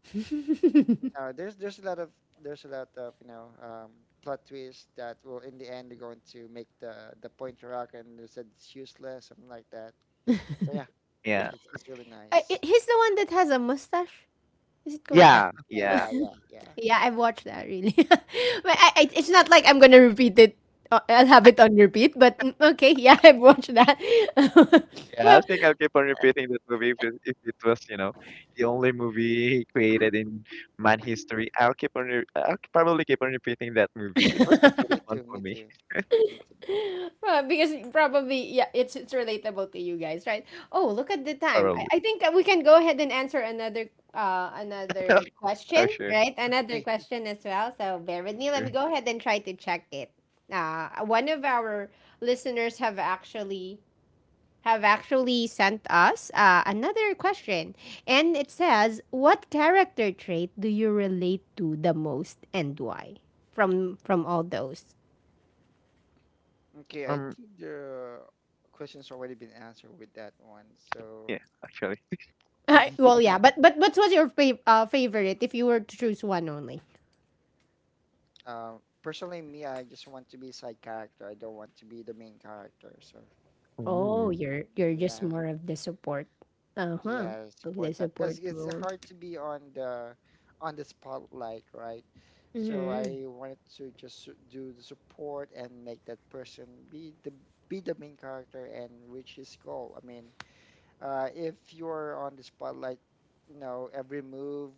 you know, there's a lot of there's a lot of you know plot twists that will in the end they're going to make the pointy rocket and they said it's useless, something like that. So yeah, Yeah, it's really nice. He's the one that has a mustache. Is it correct? yeah, Yeah, yeah, yeah. yeah, yeah. Yeah, I've watched that really. But it's not like I'm gonna repeat it. I'll have it on repeat. Okay, yeah, I've watched that. Yeah, I Mhm. well, think I'll keep on repeating that movie if it was, you know, the only movie created in man history. I'll keep on, re I'll probably keep on repeating that movie. Me It was too. Me actually fun too. for Me me, too. Me too. well, because probably yeah, it's relatable to you guys, right? Oh, look at the time. probably. I think we can go ahead and answer another another Oh, question, sure, right? Okay. Another question as well. So bear with me. Let sure. me go ahead and try to check it. One of our listeners have actually sent us another question. And it says, what character trait do you relate to the most and why? From all those. Okay. I Um, think the question's already been answered with that one. So yeah, actually. Well, yeah. yeah, but what was your favorite if you were to choose one only? Personally, me, I just want to be side character. I don't want to be the main character. So, Oh, Ooh, you're just yeah, more of the support. Uh huh. yeah, Of the support type. Because support it's role. hard to be on the spotlight, right? So Mm-hmm. I wanted to just do the support and make that person be the main character and reach his goal. I mean, if you're on the spotlight, every move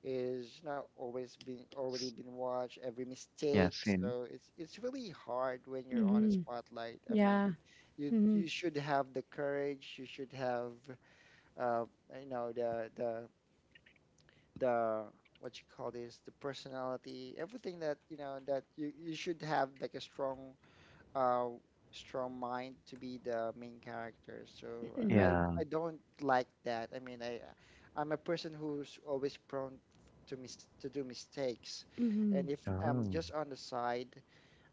is not always been, already s- been watched, every yeah, mistake, sin. so it's really hard when you're on a Hmm. spotlight. I mean, Yeah. you Hmm. you should have the courage. You should have, uh, you know the the the, what you call this, the personality, everything that you should have, like a strong, uh, strong mind to be the main character. So I Yeah. I don't like that. I mean, I'm a person who's always prone to do mistakes, and Mm-hmm. if I'm Oh. just on the side,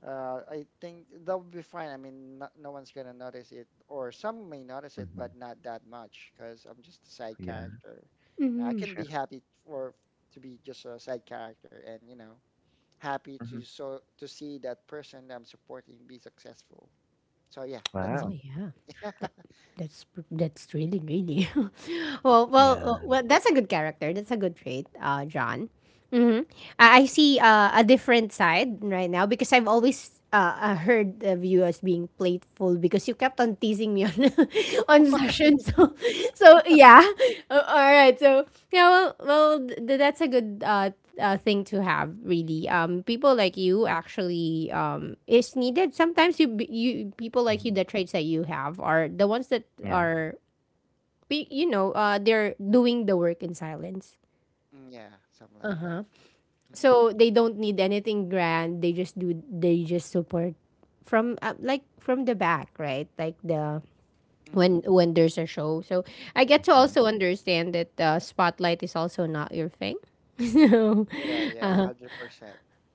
I think that'll be fine. I mean, no, no one's gonna notice it, or some may notice it, Mm-hmm. but not that much because I'm just a side Yeah. character. I Mm-hmm. can be Sure. happy for to be just a side character, and happy Mm-hmm. To see that person that I'm supporting be successful. So yeah, that's Oh it. Wow. yeah, that, that's that's really Yeah. Well that's a good character. That's a good trait, John. Hmm. I see a different side right now because I've always heard of you as being playful because you kept on teasing me on on session. So so yeah. All right. So yeah, that's a good thing to have really. Um, people like you actually is needed sometimes. You people like you, Mm-hmm. the traits that you have are the ones that Yeah. are you know, uh, they're doing the work in silence, Mm, yeah, something like that. Mm-hmm. so they don't need anything grand. They just do, they just support from like from the back, right? Like the, Mm-hmm. When there's a show. So I get to Mm-hmm. also understand that the spotlight is also not your thing. So Yeah, yeah, 100%.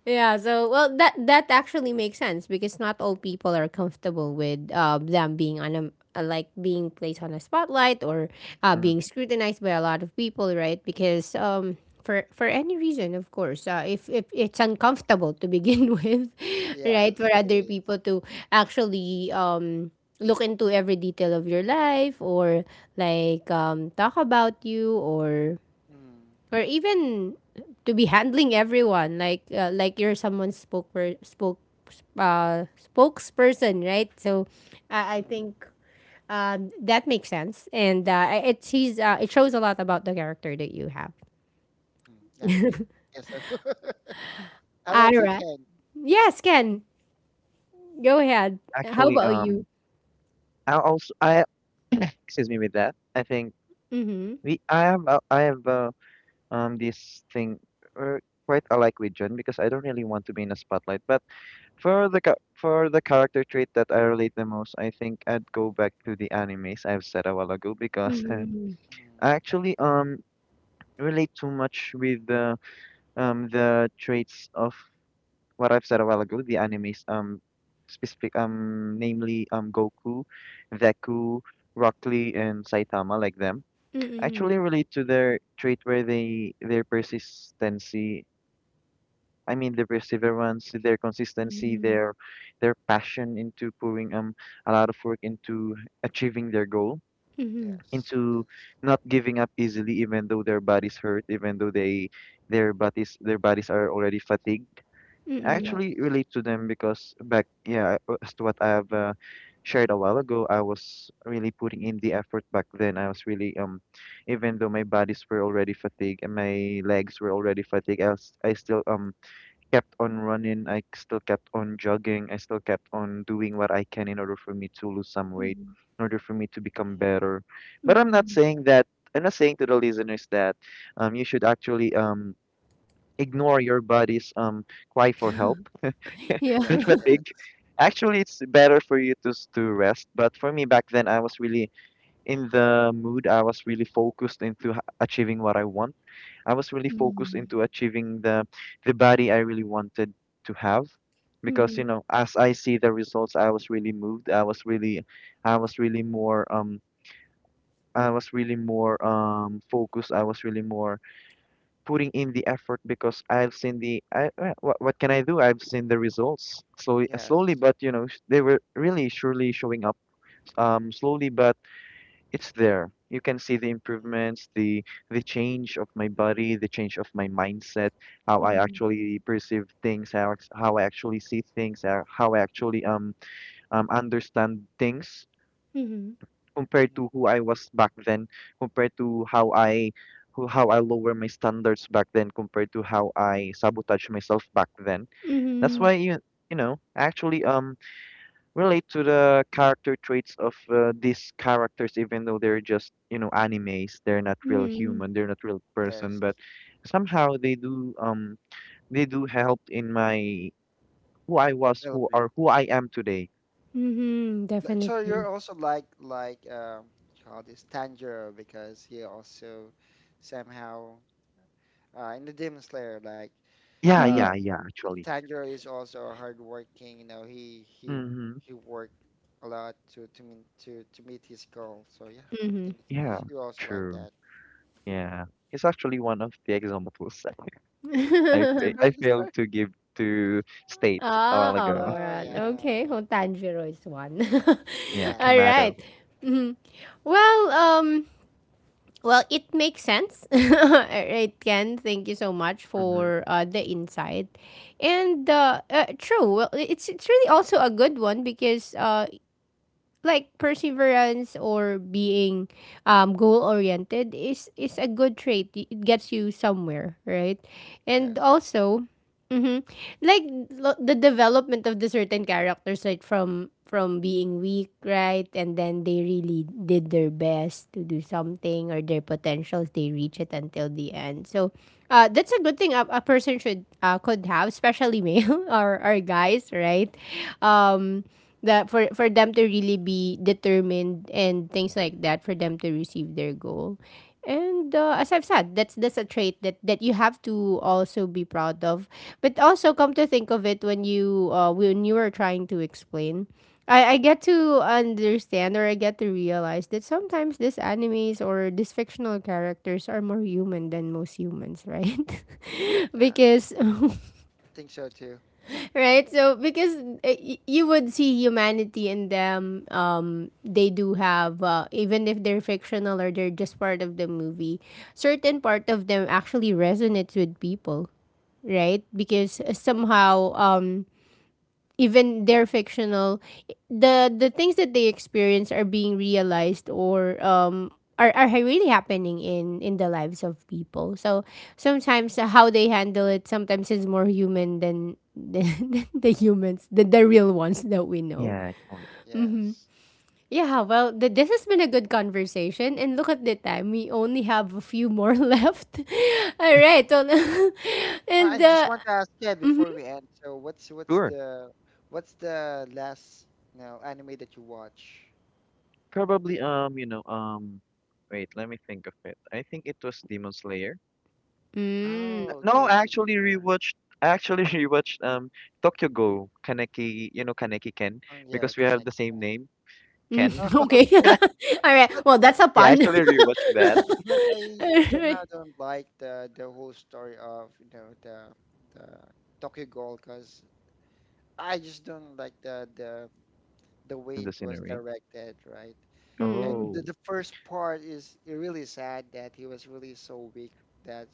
yeah, so well that that actually makes sense because not all people are comfortable with them being on a like being placed on a spotlight or Mm. being scrutinized by a lot of people, right? Because um, for any reason, of course, if it's uncomfortable to begin with, right, Yes, for it other is. people to actually look into every detail of your life, or like talk about you, Mm, or even to be handling everyone like you're someone's spoke spokesperson, right? So I mm, think that makes sense and it sees it shows a lot about the character that you have. mm. Yeah, yeah. Yes. How about All you, right, Ken? yes Ken, go ahead. How Actually, about you. I excuse me with that. I think Mm-hmm. we I have I have this thing uh, quite alike with John because I don't really want to be in the spotlight. But for the character trait that I relate the most, I think I'd go back to the animes I've said a while ago because Mm-hmm. Mm, I actually relate too much with the traits of what I've said a while ago, the animes specific namely Goku, Deku, Rock Lee and Saitama like them. I mm, Mm-hmm. actually relate to their trait where they their persistency I mean their mm. perseverance, their consistency, their passion into pouring a lot of work into achieving their goal, Mm-hmm. Mm-hmm. Yes, into yes, not giving up easily even though their bodies hurt, even though they their bodies are already fatigued. I Mm-hmm. actually yes. relate to them because back yeah as to what I have shared a while ago, I was really putting in the effort back then. I was really even though my bodies were already fatigued and my legs were already fatigued, I still kept on running. I still kept on jogging. I still kept on doing what I can in order for me to lose some weight, in order for me to become Mm, better. But I'm not Mm-hmm. saying that. I'm not saying to the listeners that you should actually ignore your body's cry for help Yeah. yes, and yes. fatigue. Actually, it's better for you to rest. But for me back then, I was really in the mood. I was really focused into achieving what I want I Was really Mm, focused Mm-hmm. into achieving the body I really wanted to have because Mm-hmm. you know as I see the results I was really moved I was really more I was really more focused , I was really more putting in the effort because I've seen the I what can I do I've seen the results slowly slowly yes. but you know they were really surely showing up slowly but it's there. You can see the Mm, improvements, the change of my body, the change of my mindset, how I Mm-hmm. actually perceive things, how how I actually see things, how I actually understand things Mm-hmm. compared mm. to who I was back then, compared to how I who how I lower my standards back then, compared to how I sabotage myself back then. That's Mm-hmm. Oh, why you know actually relate to the character traits of these characters even though they're just you know animes they're not real human they're not real yes. person but somehow they do help in my who I was who Development. or who I am today. Mhm, Like, so you're definitely. also like, call this, Tanjiro, because he also somehow, in the Demon Slayer, Yeah, uh, Mm. yeah, yeah, actually. Tanjiro is also a hardworking. You know he he Mm-hmm. he worked a lot to meet his goal. So yeah, I think Yeah, you also like true. that. Yeah, it's actually one of the examples. i I'm fa- sorry, i I'm sorry. failed to give to state Oh, a while ago. Oh alright. yeah, Okay, yeah, well, Tanjiro is one. Yeah, yeah, All kamado. right. Mhm. Well, well, it makes sense. All right, Ken. Thank you so much Mm-hmm. for the insight. And true. Well, it's really also a good one because like perseverance or being goal oriented is a good trait. It gets you somewhere, right? And yes. also, mhm. Like the development of the certain characters, right, from being weak, right? And then they really did their best to do something or their potentials they reach it until the end. So, uh, that's a good thing a person should could have, especially male or guys, right? Mm, Um, that for them to really be determined and things like that for them to receive their goal. And as I've said, that's a trait that that you have to also be proud of. But also, come to think of it, when you are trying to explain, I get to understand, or I get to realize that sometimes these animes or these fictional characters are more human than most humans, right? yeah, because I think so too. right so because you would see humanity in them. Um, they do have even if they're fictional or they're just part of the movie, certain part of them actually resonates with people, right? Because Mhm. somehow um, even they're fictional, the things that they experience are being realized, or um, are really happening in the lives of people. So sometimes how they handle it sometimes is more human than than the humans, the real ones that we know. Yeah, actually. Yes. Yeah, well this has been a good conversation and look at the time. We only have a few more left. All right, well, I and just want to ask Ted mhm. before we end. So what's what's Sure. the what's the last anime that you watch? Probably, you know, wait, let me think of it. I think it was Demon Slayer. Mm. Oh, No, okay, I Demon actually Slayer. rewatched. I actually rewatched Tokyo Go Kaneki. You know Kaneki Ken, Oh yeah, because we have kinda the same can. name, Mm, Ken. Oh, okay. okay. All right. But Well, that's a Yeah, I pun. actually rewatched that. I somehow Alright. don't like the whole story of the Tokyo Ghoul, because I just don't like the In way the it was scenery. directed, right? Mm, And the, Oh. the first part is really sad that he was really so weak, that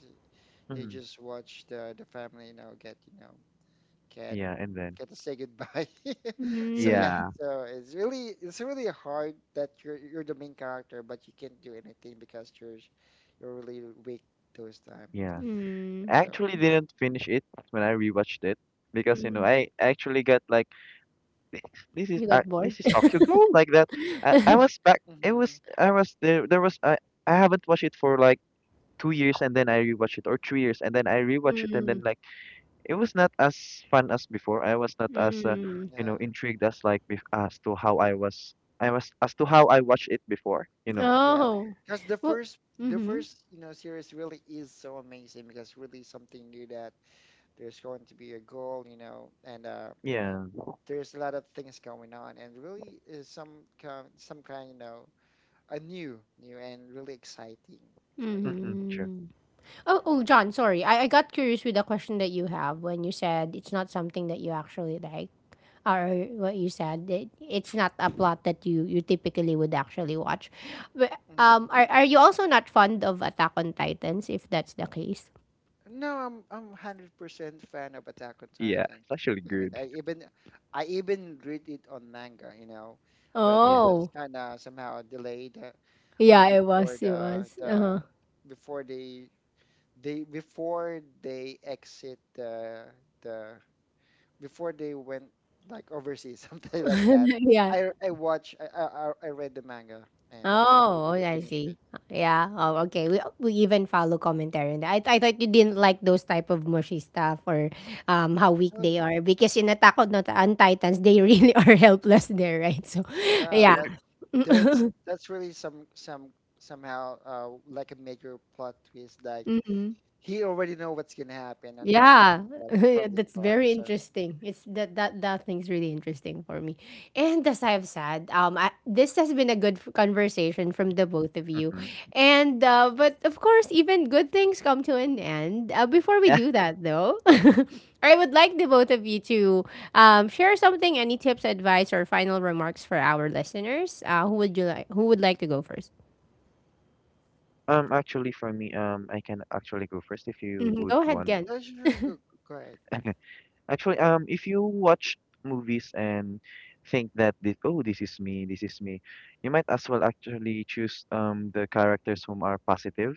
he Mhm. just watched the family, you know, get Yeah, and then. get to say goodbye. So yeah, mm, Yeah, so it's really hard that you're the main character, but you can't do anything because you're really weak those times. yeah. mm, I So. actually didn't finish it when I rewatched it because you know mm. I actually got like this is You got bored? Tokyo Ghoul like that. I was back. It Mm-hmm. was I was there. There was I haven't watched it for like 2 years, and then I rewatched it, or 3 years, and then I rewatched it, and Mm, then like it was not as fun as before. I was not as mm. Mm-hmm. you know Yeah. intrigued as like as to how I was. I was as to how I watched it before. You know. Yes. Oh. Because Well, the mm-hmm. first, you know, series really is so amazing, because really something new, that there's going to be a goal, you know, and Yeah. there's a lot of things going on, and really is some kind, you know, a new, new and really exciting. So yeah. Mm-mm, true. Mm-hmm. Oh, oh, John, sorry. I got curious with the question that you have when you said it's not something that you actually like, or what you said, it's not a plot that you typically would actually watch. But, Mhm. Are you also not fond of Attack on Titans, if that's the case? No, I'm 100% fan of Attack on Yeah, Titans. it's actually I mean, good. I even read it on manga, you know, when it Yeah. was Oh. kind of somehow delayed, Yeah, before it was. Uh-huh. the before they before they exit the before they went, like, overseas, something like that. Yeah. I watch I read the manga, and it would Oh, I finish see. it. Yeah. Oh, okay. We even follow commentary on that. I thought you didn't like those type of mushy stuff, or how weak No, they are because in on Titans they really are helpless there, right? So, yeah, True. yeah. but that's really somehow, like a major plot twist. Like, Mhm. he already know what's gonna happen and Yeah, everything, like from the that's start. very So. interesting. It's that thing's really interesting for me. And as I've said, I, this has been a good conversation from the both of you, Mm-hmm. and but of course, even good things come to an end. Before we do that, though, I would like the both of you to share something, any tips, advice, or final remarks for our listeners. Who would you like? Who would like to go 1st? Um, Mm. actually, for me, I can actually go first if you Hmm. would Go ahead, want. Ken. Yeah, sure, go ahead. Actually, if you watch movies and think that this, oh, this is me, you might as well actually choose the characters whom are positive,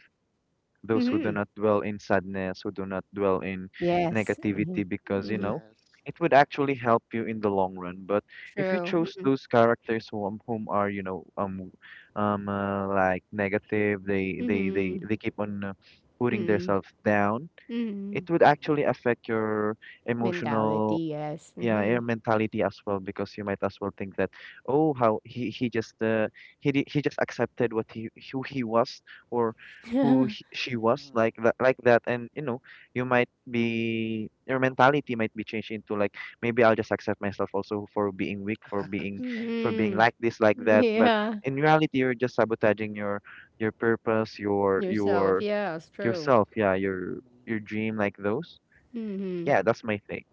those who Mm-hmm. Mm, do not dwell in sadness, who do not dwell in Yes. Mm-hmm. negativity, because you Mm-hmm. know yes. it would actually help you in the long run. But if you True. chose those characters whom are you know like negative, they they they Mm-hmm. they keep on putting Mm, themselves down, mm. it would Mm-hmm. actually affect your emotional Mentality, yes. yeah, your Mhm. mentality as well, because you might as well think that, oh, how he just he di- he just accepted what he was or who he, she was Mm-hmm. Like that, and you know you might be your mentality might be changed into like maybe I'll just accept myself also for being weak, Yeah. for being Mhm. like this, like that. But Yeah. in reality, you're just sabotaging your purpose, your Yourself, your yeah, it's true. yourself, yeah, Mm, your dream, like those. Hmm. Yeah, that's my thing.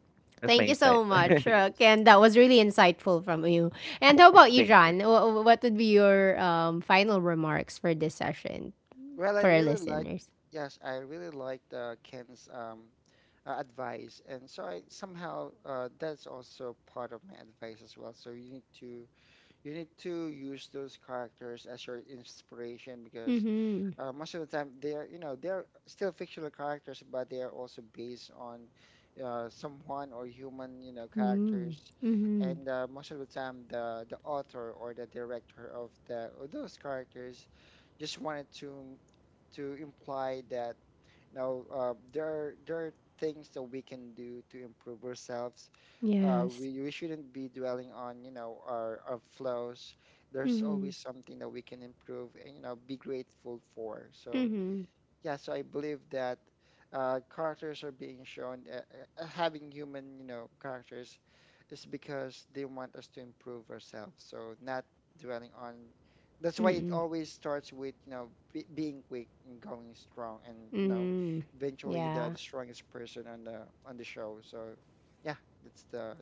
That's my Thank you insight. so mm, much, Rook. nice. And that was Nice. really insightful from you. And how about you, Thank you. John? What would be your final remarks for this session Well, I for our really listeners? yes, I really liked Ken's advice, and so I somehow that's also part of my advice as well. So you need to use those characters as your inspiration, because Mm-hmm. Most of the time they are, they're still fictional characters, but they are also based on, someone or human, Mm-hmm. characters, Mm-hmm. and most of the time the author or the director of the of those characters just wanted to imply that now, there are things that we can do to improve ourselves. Yes. We shouldn't be dwelling on our flaws. There's Mm-hmm. always something that we can improve and be grateful for. So Mm-hmm. yeah, so I believe that characters are being shown, having human, characters, is because they want us to improve ourselves. So, not dwelling on. That's why it Mm-hmm. always starts with, being weak and going strong, and Mm-hmm. eventually the Yeah. strongest person on the show. So yeah, that's the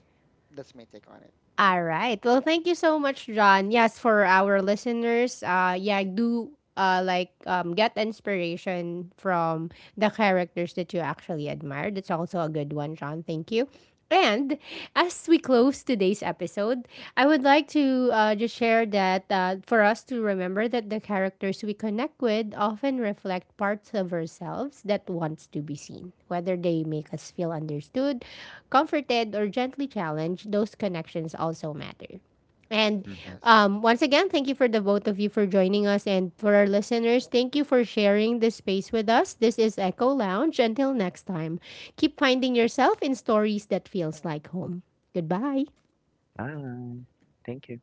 that's my take on it. All right. Well, thank you so much, John. Yes, for our listeners, yeah, do like get inspiration from the characters that you actually admire. That's also a good one, John. Thank you. And as we close today's episode, I would like to just share that for us to remember that the characters we connect with often reflect parts of ourselves that wants to be seen. Whether they make us feel understood, comforted, or gently challenged, those connections also matter. And Mhm. Yes. Once again, thank you for the both of you for joining us. And for our listeners, thank you for sharing this space with us. This is Echo Lounge. Until next time, keep finding yourself in stories that feels like home. Goodbye. Bye. Thank you.